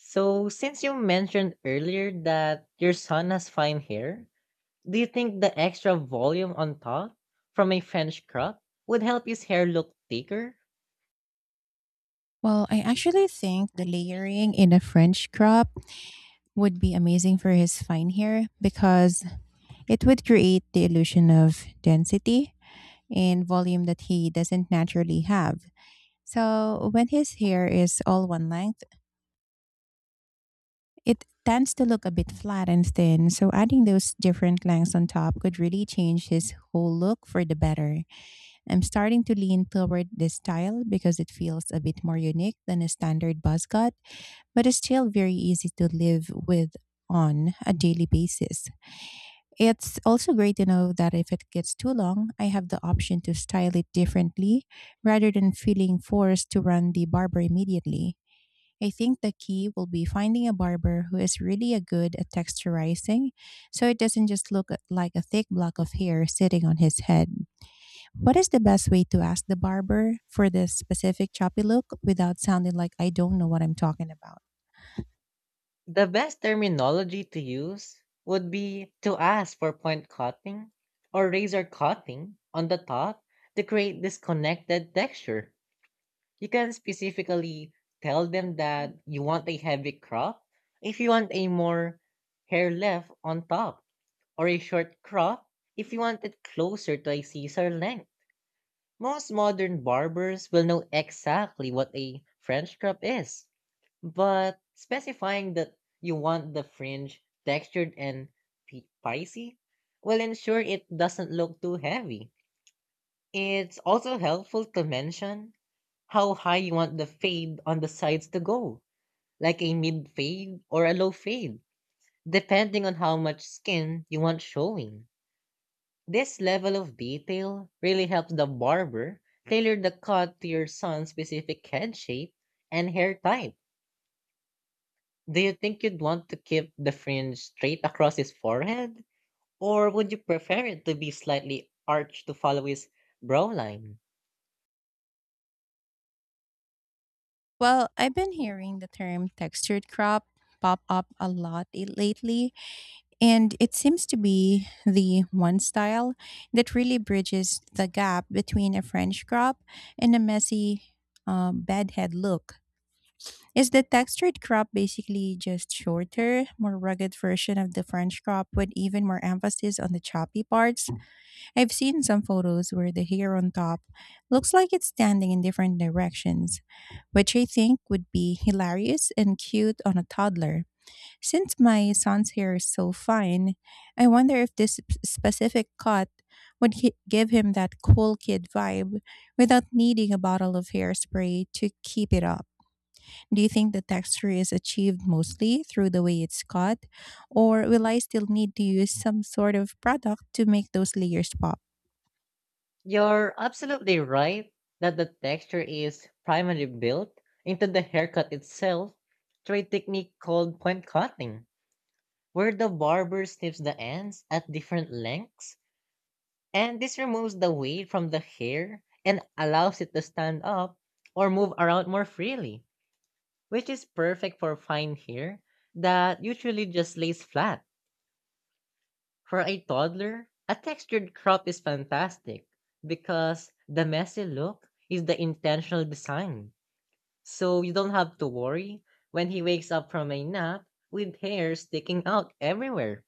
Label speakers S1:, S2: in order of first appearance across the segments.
S1: So, since you mentioned earlier that your son has fine hair, do you think the extra volume on top from a French crop would help his hair look thicker?
S2: Well, I actually think the layering in a French crop would be amazing for his fine hair because it would create the illusion of density and volume that he doesn't naturally have. So, when his hair is all one length, it tends to look a bit flat and thin. So, adding those different lengths on top could really change his whole look for the better. I'm starting to lean toward this style because it feels a bit more unique than a standard buzz cut but it's still very easy to live with on a daily basis. It's also great to know that if it gets too long, I have the option to style it differently rather than feeling forced to run the barber immediately. I think the key will be finding a barber who is really a good at texturizing so it doesn't just like a thick block of hair sitting on his head. What is the best way to ask the barber for this specific choppy look without sounding like I don't know what I'm talking about?
S1: The best terminology to use would be to ask for point cutting or razor cutting on the top to create this connected texture. You can specifically tell them that you want a heavy crop if you want a more hair left on top, or a short crop if you want it closer to a Caesar length. Most modern barbers will know exactly what a French crop is, but specifying that you want the fringe textured and pixie will ensure it doesn't look too heavy. It's also helpful to mention how high you want the fade on the sides to go, like a mid fade or a low fade, depending on how much skin you want showing. This level of detail really helps the barber tailor the cut to your son's specific head shape and hair type. Do you think you'd want to keep the fringe straight across his forehead? Or would you prefer it to be slightly arched to follow his brow line?
S2: Well, I've been hearing the term textured crop pop up a lot lately, and it seems to be the one style that really bridges the gap between a French crop and a messy bedhead look. Is the textured crop basically just shorter, more rugged version of the French crop with even more emphasis on the choppy parts? I've seen some photos where the hair on top looks like it's standing in different directions, which I think would be hilarious and cute on a toddler. Since my son's hair is so fine, I wonder if this specific cut would give him that cool kid vibe without needing a bottle of hairspray to keep it up. Do you think the texture is achieved mostly through the way it's cut, or will I still need to use some sort of product to make those layers pop?
S1: You're absolutely right that the texture is primarily built into the haircut itself through a technique called point cutting, where the barber snips the ends at different lengths, and this removes the weight from the hair and allows it to stand up or move around more freely, which is perfect for fine hair that usually just lays flat. For a toddler, a textured crop is fantastic because the messy look is the intentional design. So you don't have to worry when he wakes up from a nap with hair sticking out everywhere.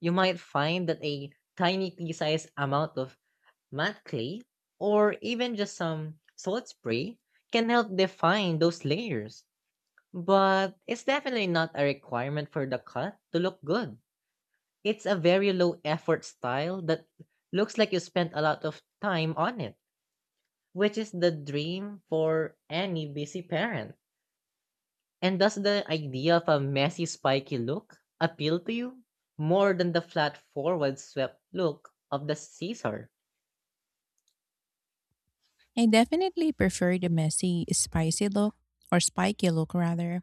S1: You might find that a tiny pea sized amount of matte clay or even just some salt spray can help define those layers. But it's definitely not a requirement for the cut to look good. It's a very low effort style that looks like you spent a lot of time on it, which is the dream for any busy parent. And does the idea of a messy, spiky look appeal to you more than the flat, forward, swept look of the Caesar?
S2: I definitely prefer the messy, spicy look, or spiky look rather,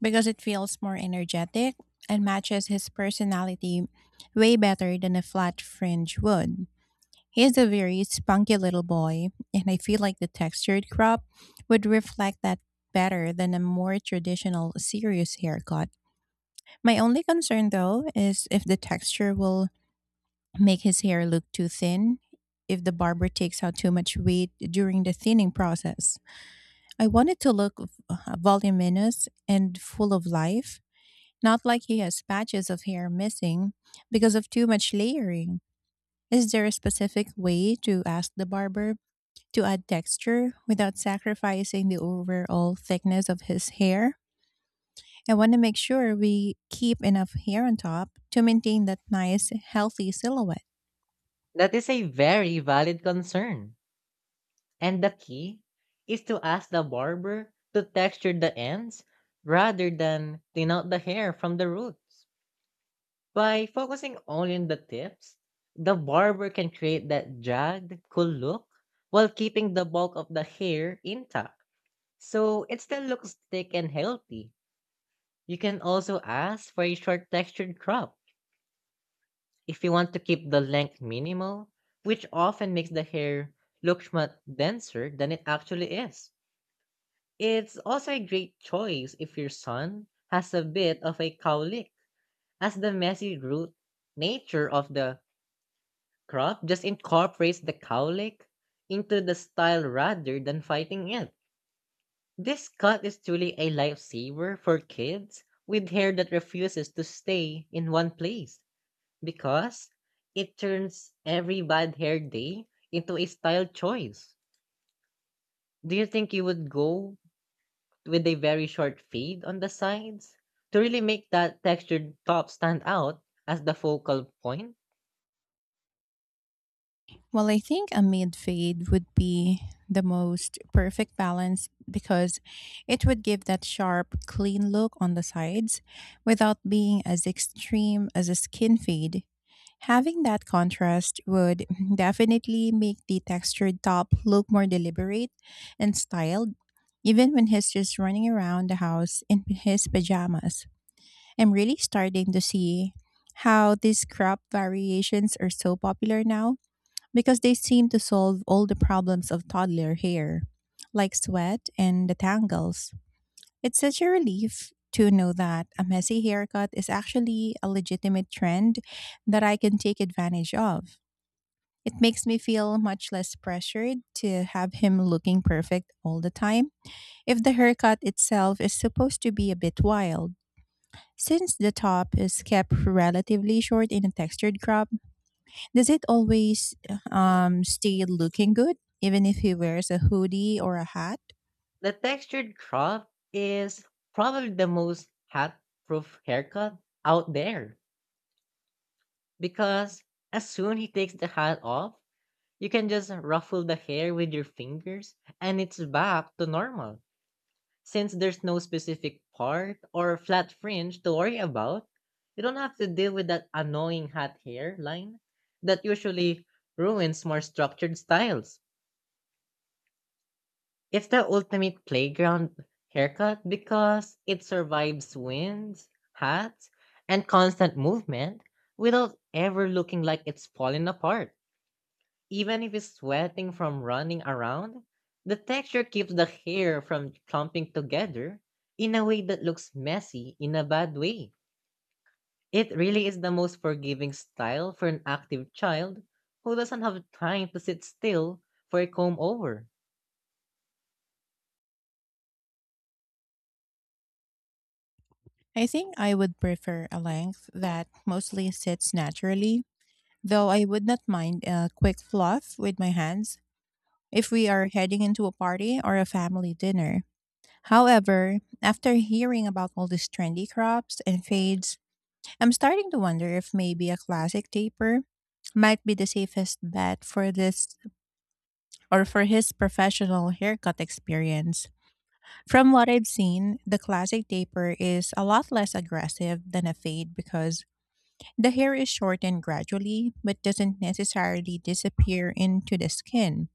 S2: because it feels more energetic and matches his personality way better than a flat fringe would. He is a very spunky little boy, and I feel like the textured crop would reflect that better than a more traditional, serious haircut. My only concern though is if the texture will make his hair look too thin, if the barber takes out too much weight during the thinning process. I want it to look voluminous and full of life, not like he has patches of hair missing because of too much layering. Is there a specific way to ask the barber to add texture without sacrificing the overall thickness of his hair? I want to make sure we keep enough hair on top to maintain that nice, healthy silhouette.
S1: That is a very valid concern. And the key is to ask the barber to texture the ends rather than thin out the hair from the roots. By focusing only on the tips, the barber can create that jagged, cool look while keeping the bulk of the hair intact. So it still looks thick and healthy. You can also ask for a short textured crop if you want to keep the length minimal, which often makes the hair look much denser than it actually is. It's also a great choice if your son has a bit of a cowlick, as the messy root nature of the Croft just incorporates the cowlick into the style rather than fighting it. This cut is truly a lifesaver for kids with hair that refuses to stay in one place because it turns every bad hair day into a style choice. Do you think you would go with a very short fade on the sides to really make that textured top stand out as the focal point?
S2: Well, I think a mid fade would be the most perfect balance because it would give that sharp, clean look on the sides without being as extreme as a skin fade. Having that contrast would definitely make the textured top look more deliberate and styled, even when he's just running around the house in his pajamas. I'm really starting to see how these crop variations are so popular now because they seem to solve all the problems of toddler hair, like sweat and the tangles. It's such a relief to know that a messy haircut is actually a legitimate trend that I can take advantage of. It makes me feel much less pressured to have him looking perfect all the time if the haircut itself is supposed to be a bit wild. Since the top is kept relatively short in a textured crop, does it always stay looking good, even if he wears a hoodie or a hat?
S1: The textured crop is probably the most hat proof haircut out there because as soon he takes the hat off, you can just ruffle the hair with your fingers and it's back to normal. Since there's no specific part or flat fringe to worry about, you don't have to deal with that annoying hat hair line that usually ruins more structured styles. It's the ultimate playground haircut because it survives winds, hats, and constant movement without ever looking like it's falling apart. Even if it's sweating from running around, the texture keeps the hair from clumping together in a way that looks messy in a bad way. It really is the most forgiving style for an active child who doesn't have time to sit still for a comb over.
S2: I think I would prefer a length that mostly sits naturally, though I would not mind a quick fluff with my hands if we are heading into a party or a family dinner. However, after hearing about all these trendy crops and fades, I'm starting to wonder if maybe a classic taper might be the safest bet for this or for his professional haircut experience. From what I've seen, the classic taper is a lot less aggressive than a fade because the hair is shortened gradually but doesn't necessarily disappear into the skin.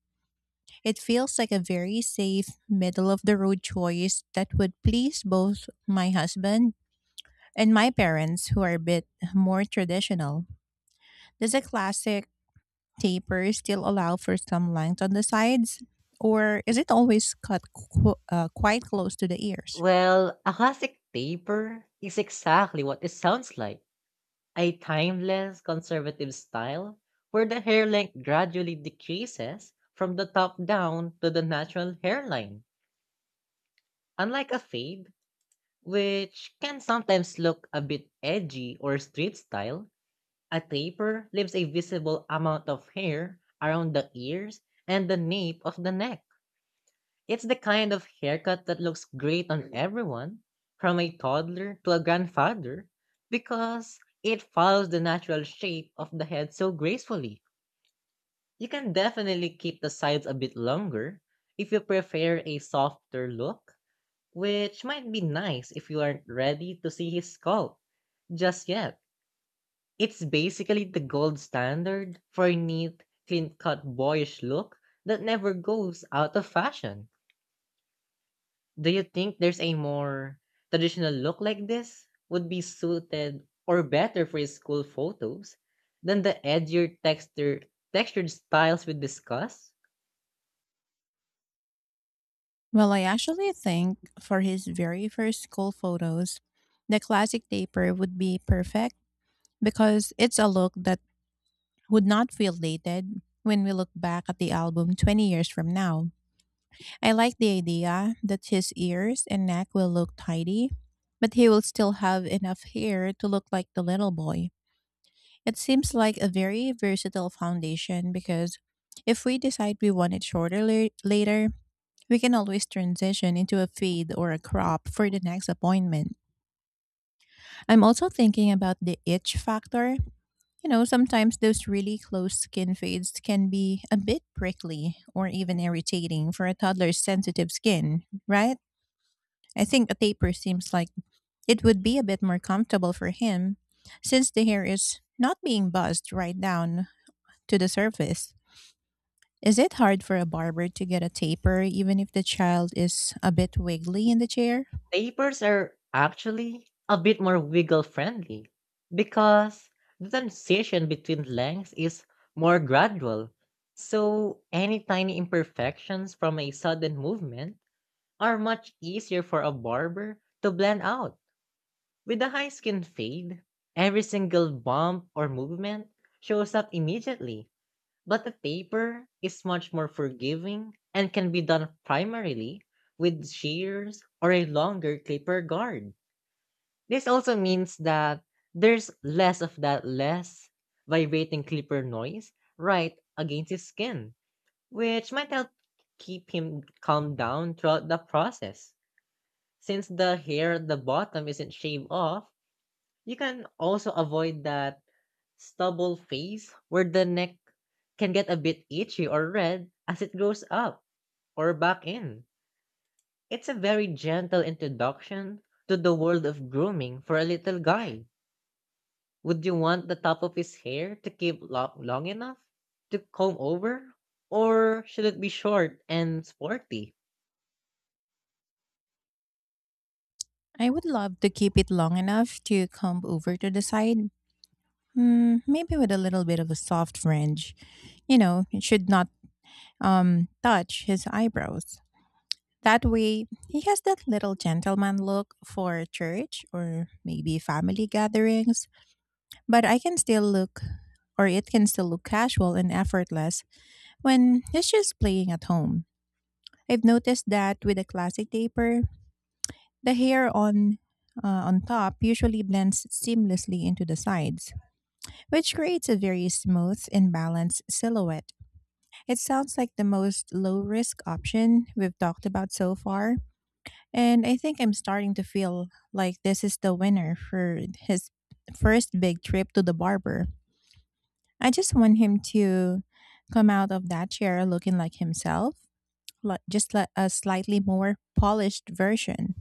S2: It feels like a very safe, middle of the road choice that would please both my husband and my parents, who are a bit more traditional. Does a classic taper still allow for some length on the sides, or is it always cut quite close to the ears?
S1: Well, a classic paper is exactly what it sounds like, a timeless, conservative style where the hair length gradually decreases from the top down to the natural hairline. Unlike a fade, which can sometimes look a bit edgy or street style, a taper leaves a visible amount of hair around the ears and the nape of the neck. It's the kind of haircut that looks great on everyone, from a toddler to a grandfather, because it follows the natural shape of the head so gracefully. You can definitely keep the sides a bit longer if you prefer a softer look, which might be nice if you aren't ready to see his skull just yet. It's basically the gold standard for a neat, clean cut boyish look that never goes out of fashion. Do you think there's a more traditional look like this would be suited or better for school photos than the edgier textured styles we discussed?
S2: Well, I actually think for his very first school photos, the classic taper would be perfect because it's a look that would not feel dated when we look back at the album 20 years from now. I like the idea that his ears and neck will look tidy, but he will still have enough hair to look like the little boy. It seems like a very versatile foundation because if we decide we want it shorter later, we can always transition into a fade or a crop for the next appointment. I'm also thinking about the itch factor. You know, sometimes those really close skin fades can be a bit prickly or even irritating for a toddler's sensitive skin, right? I think a taper seems like it would be a bit more comfortable for him since the hair is not being buzzed right down to the surface. Is it hard for a barber to get a taper even if the child is a bit wiggly in the chair?
S1: Papers are actually a bit more wiggle friendly because the transition between lengths is more gradual. So any tiny imperfections from a sudden movement are much easier for a barber to blend out. With the high skin fade, every single bump or movement shows up immediately, but the taper is much more forgiving and can be done primarily with shears or a longer clipper guard. This also means that there's less of that less vibrating clipper noise right against his skin, which might help keep him calm down throughout the process. Since the hair at the bottom isn't shaved off, you can also avoid that stubble phase where the neck can get a bit itchy or red as it grows up or back in. It's a very gentle introduction to the world of grooming for a little guy. Would you want the top of his hair to keep long enough to comb over? Or should it be short and sporty?
S2: I would love to keep it long enough to comb over to the side, mm, maybe with a little bit of a soft fringe. You know, it should not touch his eyebrows. That way, he has that little gentleman look for church or maybe family gatherings, but I can still look, or it can still look casual and effortless when he's just playing at home. I've noticed that with a classic taper, the hair on top usually blends seamlessly into the sides, which creates a very smooth and balanced silhouette. It sounds like the most low risk option we've talked about so far, and I think I'm starting to feel like this is the winner for his first big trip to the barber. I just want him to come out of that chair looking like himself, like just like a slightly more polished version.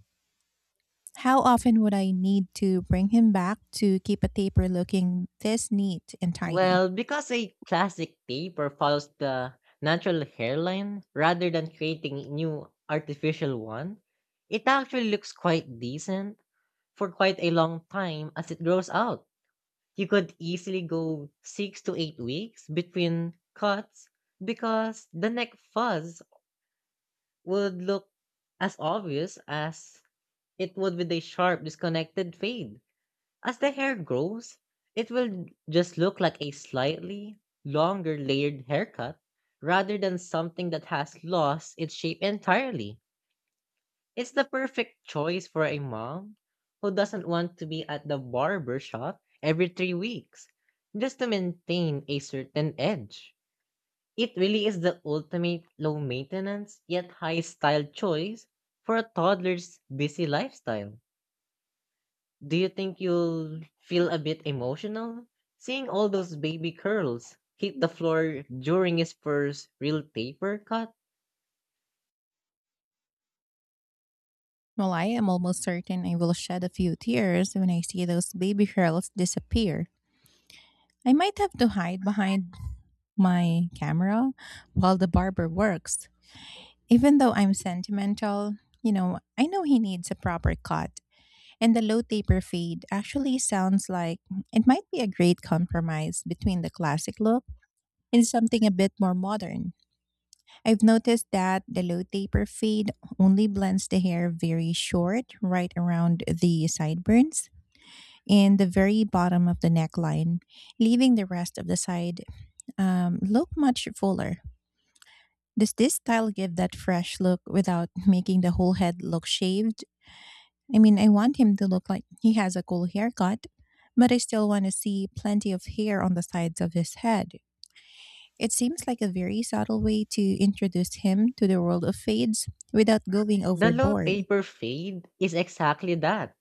S2: How often would I need to bring him back to keep a taper looking this neat and tidy?
S1: Well, because a classic taper follows the natural hairline rather than creating a new artificial one, it actually looks quite decent for quite a long time as it grows out. You could easily go 6 to 8 weeks between cuts because the neck fuzz would look as obvious as it would with a sharp disconnected fade. As the hair grows, it will just look like a slightly longer layered haircut rather than something that has lost its shape entirely. It's the perfect choice for a mom who doesn't want to be at the barber shop every 3 weeks just to maintain a certain edge. It really is the ultimate low maintenance yet high style choice for a toddler's busy lifestyle. Do you think you'll feel a bit emotional, seeing all those baby curls hit the floor during his first real taper cut?
S2: Well, I am almost certain I will shed a few tears when I see those baby curls disappear. I might have to hide behind my camera while the barber works. Even though I'm sentimental, you know, I know he needs a proper cut, and the low taper fade actually sounds like it might be a great compromise between the classic look and something a bit more modern. I've noticed that the low taper fade only blends the hair very short, right around the sideburns in the very bottom of the neckline, leaving the rest of the side look much fuller. Does this style give that fresh look without making the whole head look shaved? I mean, I want him to look like he has a cool haircut, but I still want to see plenty of hair on the sides of his head. It seems like a very subtle way to introduce him to the world of fades without going
S1: The low
S2: overboard.
S1: taper fade is exactly that.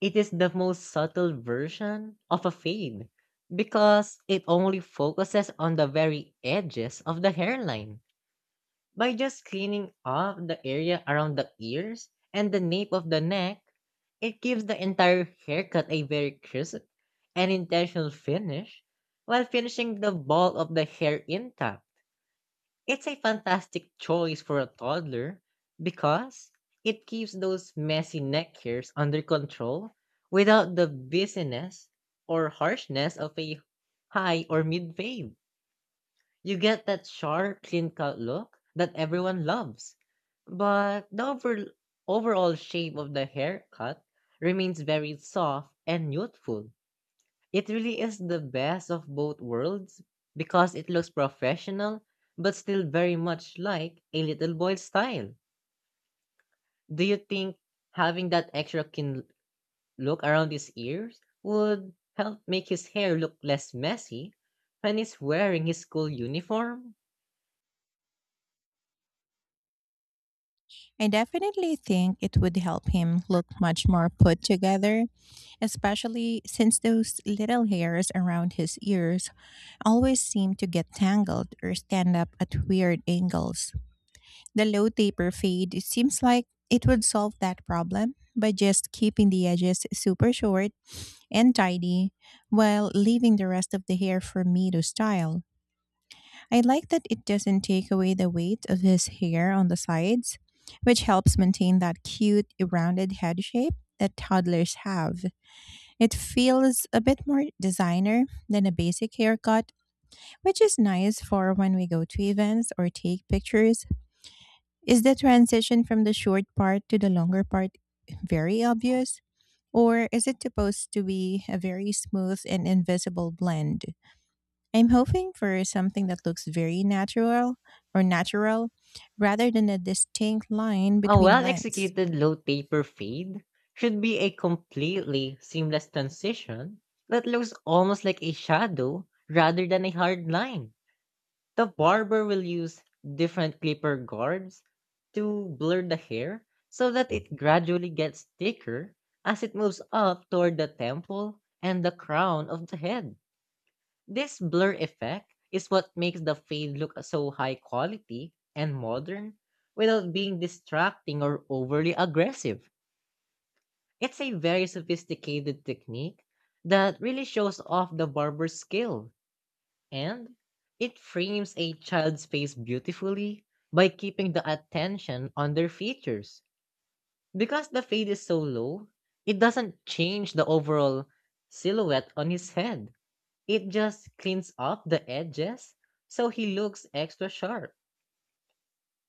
S1: It is the most subtle version of a fade because it only focuses on the very edges of the hairline. By just cleaning off the area around the ears and the nape of the neck, it gives the entire haircut a very crisp and intentional finish while finishing the ball of the hair intact. It's a fantastic choice for a toddler because it keeps those messy neck hairs under control without the busyness or harshness of a high or mid wave. You get that sharp, clean cut look that everyone loves. But the overall shape of the haircut remains very soft and youthful. It really is the best of both worlds because it looks professional but still very much like a little boy's style. Do you think having that extra kin look around his ears would help make his hair look less messy when he's wearing his school uniform?
S2: I definitely think it would help him look much more put together, especially since those little hairs around his ears always seem to get tangled or stand up at weird angles. The low taper fade it seems like it would solve that problem by just keeping the edges super short and tidy while leaving the rest of the hair for me to style. I like that it doesn't take away the weight of his hair on the sides, which helps maintain that cute, rounded head shape that toddlers have. It feels a bit more designer than a basic haircut, which is nice for when we go to events or take pictures. Is the transition from the short part to the longer part very obvious? Or is it supposed to be a very smooth and invisible blend? I'm hoping for something that looks very natural or natural rather than a distinct line
S1: A
S2: between lengths.
S1: well-executed low taper fade should be a completely seamless transition that looks almost like a shadow rather than a hard line. The barber will use different clipper guards to blur the hair so that it gradually gets thicker as it moves up toward the temple and the crown of the head. This blur effect is what makes the fade look so high quality and modern without being distracting or overly aggressive. It's a very sophisticated technique that really shows off the barber's skill, and it frames a child's face beautifully by keeping the attention on their features. Because the fade is so low, it doesn't change the overall silhouette on his head. It just cleans up the edges so he looks extra sharp.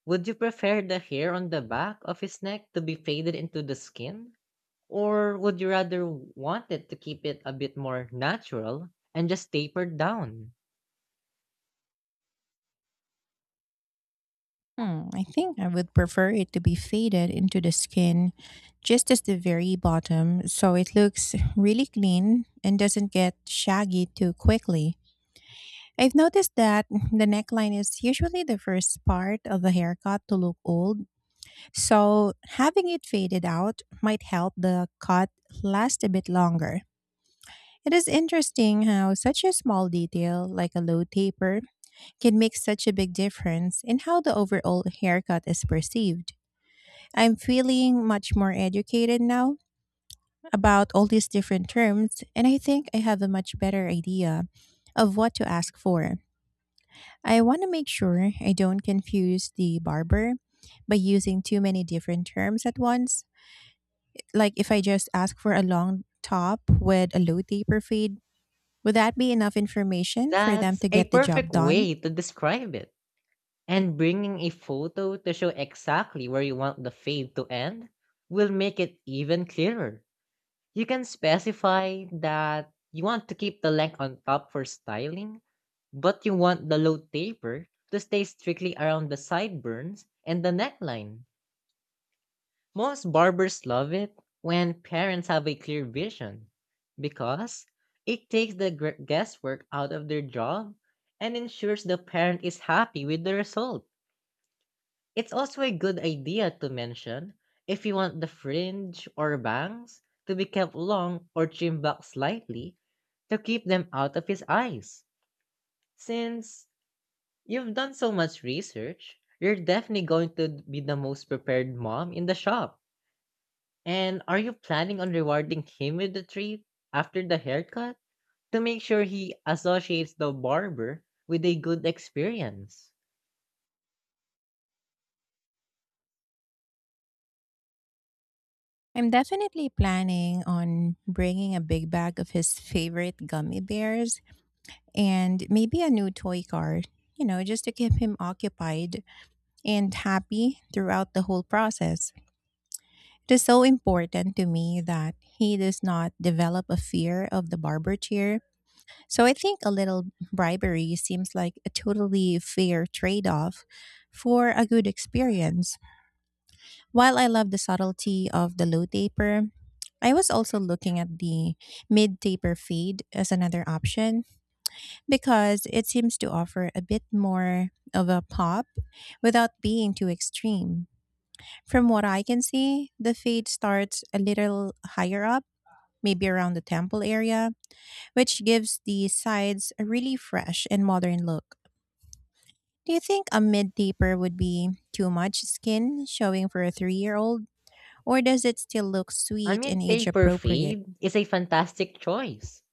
S1: Would you prefer the hair on the back of his neck to be faded into the skin? Or would you rather want it to keep it a bit more natural and just tapered down?
S2: Hmm, I think I would prefer it to be faded into the skin just as the very bottom so it looks really clean and doesn't get shaggy too quickly. I've noticed that the neckline is usually the first part of a haircut to look old, so having it faded out might help the cut last a bit longer. It is interesting how such a small detail, like a low taper, can make such a big difference in how the overall haircut is perceived. I'm feeling much more educated now about all these different terms, and I think I have a much better idea of what to ask for. I want to make sure I don't confuse the barber by using too many different terms at once. Like if I just ask for a long top with a low taper fade, would that be enough information for them
S1: That's
S2: to
S1: a
S2: get the job
S1: perfect
S2: done?
S1: way to describe it. And bringing a photo to show exactly where you want the fade to end will make it even clearer. You can specify that you want to keep the length on top for styling, but you want the low taper to stay strictly around the sideburns and the neckline. Most barbers love it when parents have a clear vision, because it takes the guesswork out of their job and ensures the parent is happy with the result. It's also a good idea to mention if you want the fringe or bangs to be kept long or trimmed back slightly to keep them out of his eyes. Since you've done so much research, you're definitely going to be the most prepared mom in the shop. And are you planning on rewarding him with a treat after the haircut, to make sure he associates the barber with a good experience?
S2: I'm definitely planning on bringing a big bag of his favorite gummy bears and maybe a new toy car, just to keep him occupied and happy throughout the whole process. It is so important to me that he does not develop a fear of the barber chair. So I think a little bribery seems like a totally fair trade off for a good experience. While I love the subtlety of the low taper, I was also looking at the mid taper fade as another option because it seems to offer a bit more of a pop without being too extreme. From what I can see, the fade starts a little higher up, maybe around the temple area, which gives the sides a really fresh and modern look. Do you think a mid taper would be too much skin showing for a 3-year-old old, or does it still look
S1: I
S2: sweet
S1: mean,
S2: and age
S1: taper
S2: appropriate?
S1: fade is a fantastic choice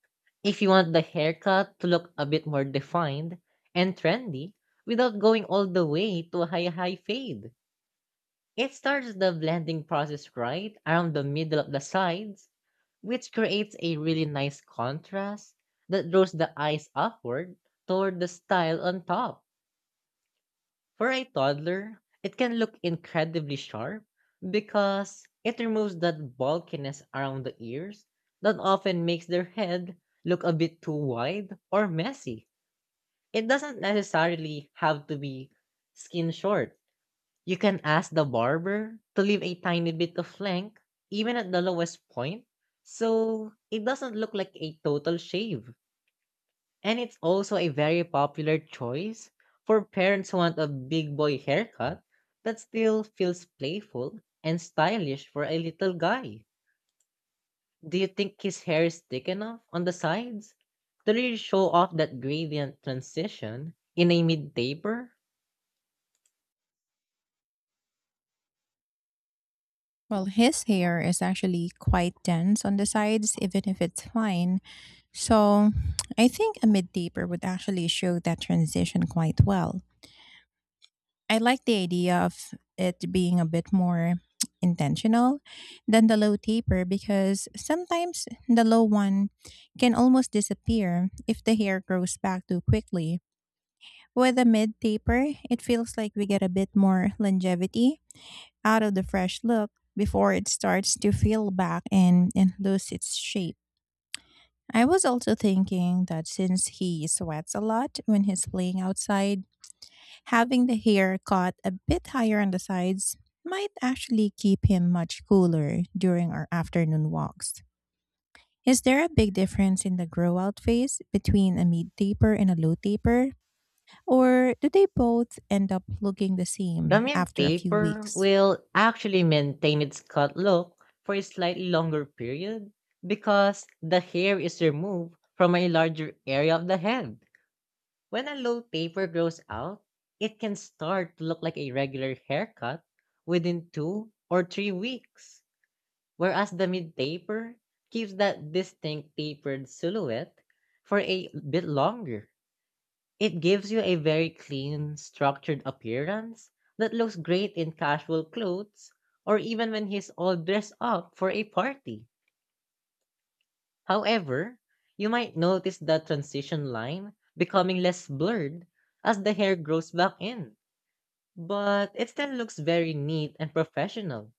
S1: if you want the haircut to look a bit more defined and trendy, without going all the way to a high fade. It starts the blending process right around the middle of the sides, which creates a really nice contrast that draws the eyes upward toward the style on top. For a toddler, it can look incredibly sharp, because it removes that bulkiness around the ears that often makes their head look a bit too wide or messy. It doesn't necessarily have to be skin short. You can ask the barber to leave a tiny bit of length, even at the lowest point, so it doesn't look like a total shave. And it's also a very popular choice for parents who want a big boy haircut that still feels playful and stylish for a little guy. Do you think his hair is thick enough on the sides to really show off that gradient transition in a mid taper?
S2: Well, his hair is actually quite dense on the sides, even if it's fine. So I think a mid taper would actually show that transition quite well. I like the idea of it being a bit more intentional than the low taper, because sometimes the low one can almost disappear if the hair grows back too quickly. With a mid taper, it feels like we get a bit more longevity out of the fresh look before it starts to feel back and lose its shape. I was also thinking that since he sweats a lot when he's playing outside, having the hair cut a bit higher on the sides might actually keep him much cooler during our afternoon walks. Is there a big difference in the grow out phase between a mid taper and a low taper? Or do they both end up looking the
S1: The
S2: same
S1: Gamil
S2: after a few
S1: taper
S2: weeks?
S1: will actually maintain its cut look for a slightly longer period, because the hair is removed from a larger area of the head. When a low taper grows out, it can start to look like a regular haircut within 2 or 3 weeks, whereas the mid taper keeps that distinct tapered silhouette for a bit longer. It gives you a very clean, structured appearance that looks great in casual clothes, or even when he's all dressed up for a party. However, you might notice the transition line becoming less blurred as the hair grows back in, but it still looks very neat and professional.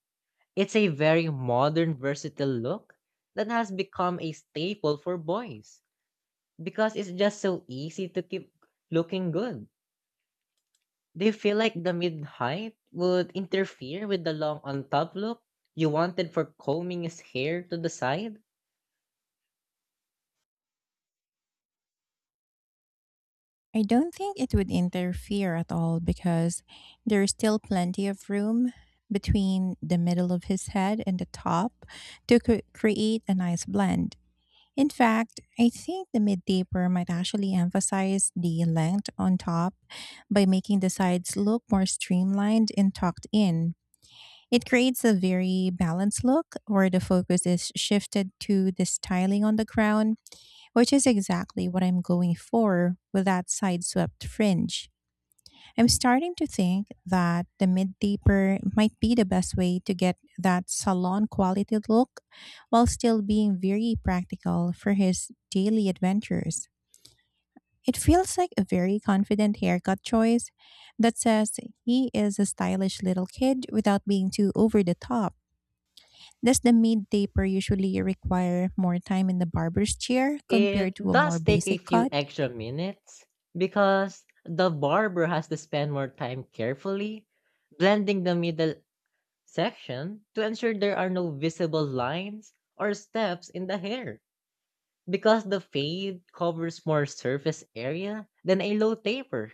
S1: It's a very modern, versatile look that has become a staple for boys, because it's just so easy to keep looking good. Do you feel like the mid height would interfere with the long on top look you wanted for combing his hair to the side?
S2: I don't think it would interfere at all, because there's still plenty of room between the middle of his head and the top to create a nice blend. In fact, I think the mid taper might actually emphasize the length on top by making the sides look more streamlined and tucked in. It creates a very balanced look where the focus is shifted to the styling on the crown, which is exactly what I'm going for with that side swept fringe. I'm starting to think that the mid deeper might be the best way to get that salon quality look while still being very practical for his daily adventures. It feels like a very confident haircut choice that says he is a stylish little kid without being too over the top. Does the mid taper usually require more time in the barber's chair
S1: It
S2: compared to a more
S1: does take a
S2: basic
S1: few
S2: cut?
S1: extra minutes, because the barber has to spend more time carefully blending the middle section to ensure there are no visible lines or steps in the hair, because the fade covers more surface area than a low taper.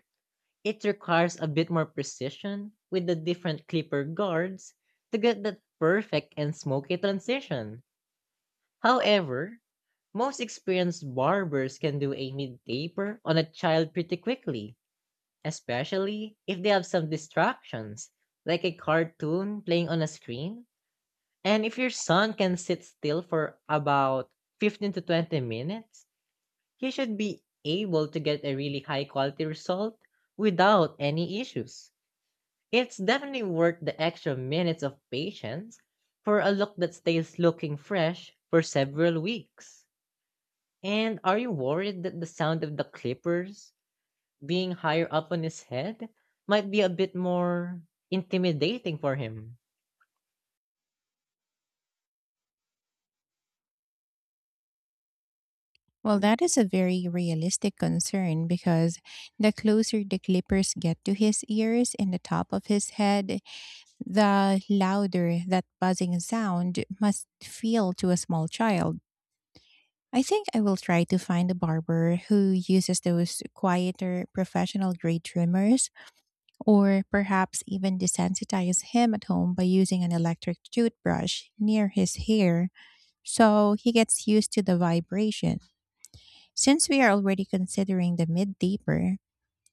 S1: It requires a bit more precision with the different clipper guards to get that perfect and smoky transition. However, most experienced barbers can do a mid taper on a child pretty quickly, especially if they have some distractions, like a cartoon playing on a screen. And if your son can sit still for about 15 to 20 minutes, he should be able to get a really high quality result without any issues. It's definitely worth the extra minutes of patience for a look that stays looking fresh for several weeks. And are you worried that the sound of the clippers being higher up on his head might be a bit more intimidating for him?
S2: Well, that is a very realistic concern, because the closer the clippers get to his ears and the top of his head, the louder that buzzing sound must feel to a small child. I think I will try to find a barber who uses those quieter professional grade trimmers, or perhaps even desensitize him at home by using an electric toothbrush near his hair so he gets used to the vibration. Since we are already considering the mid deeper,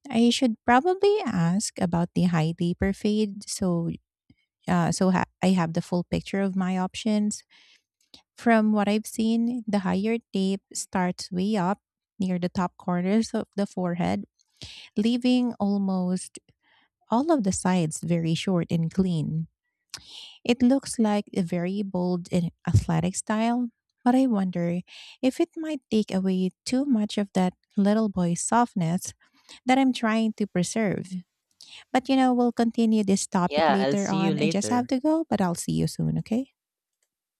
S2: I should probably ask about the high deeper fade, so I have the full picture of my options. From what I've seen, the higher deep starts way up near the top corners of the forehead, leaving almost all of the sides very short and clean. It looks like a very bold and athletic style, but I wonder if it might take away too much of that little boy softness that I'm trying to preserve. But we'll continue this topic
S1: Yeah, I'll
S2: later
S1: see you
S2: on. I just have
S1: later.
S2: to go, but I'll see you soon, okay?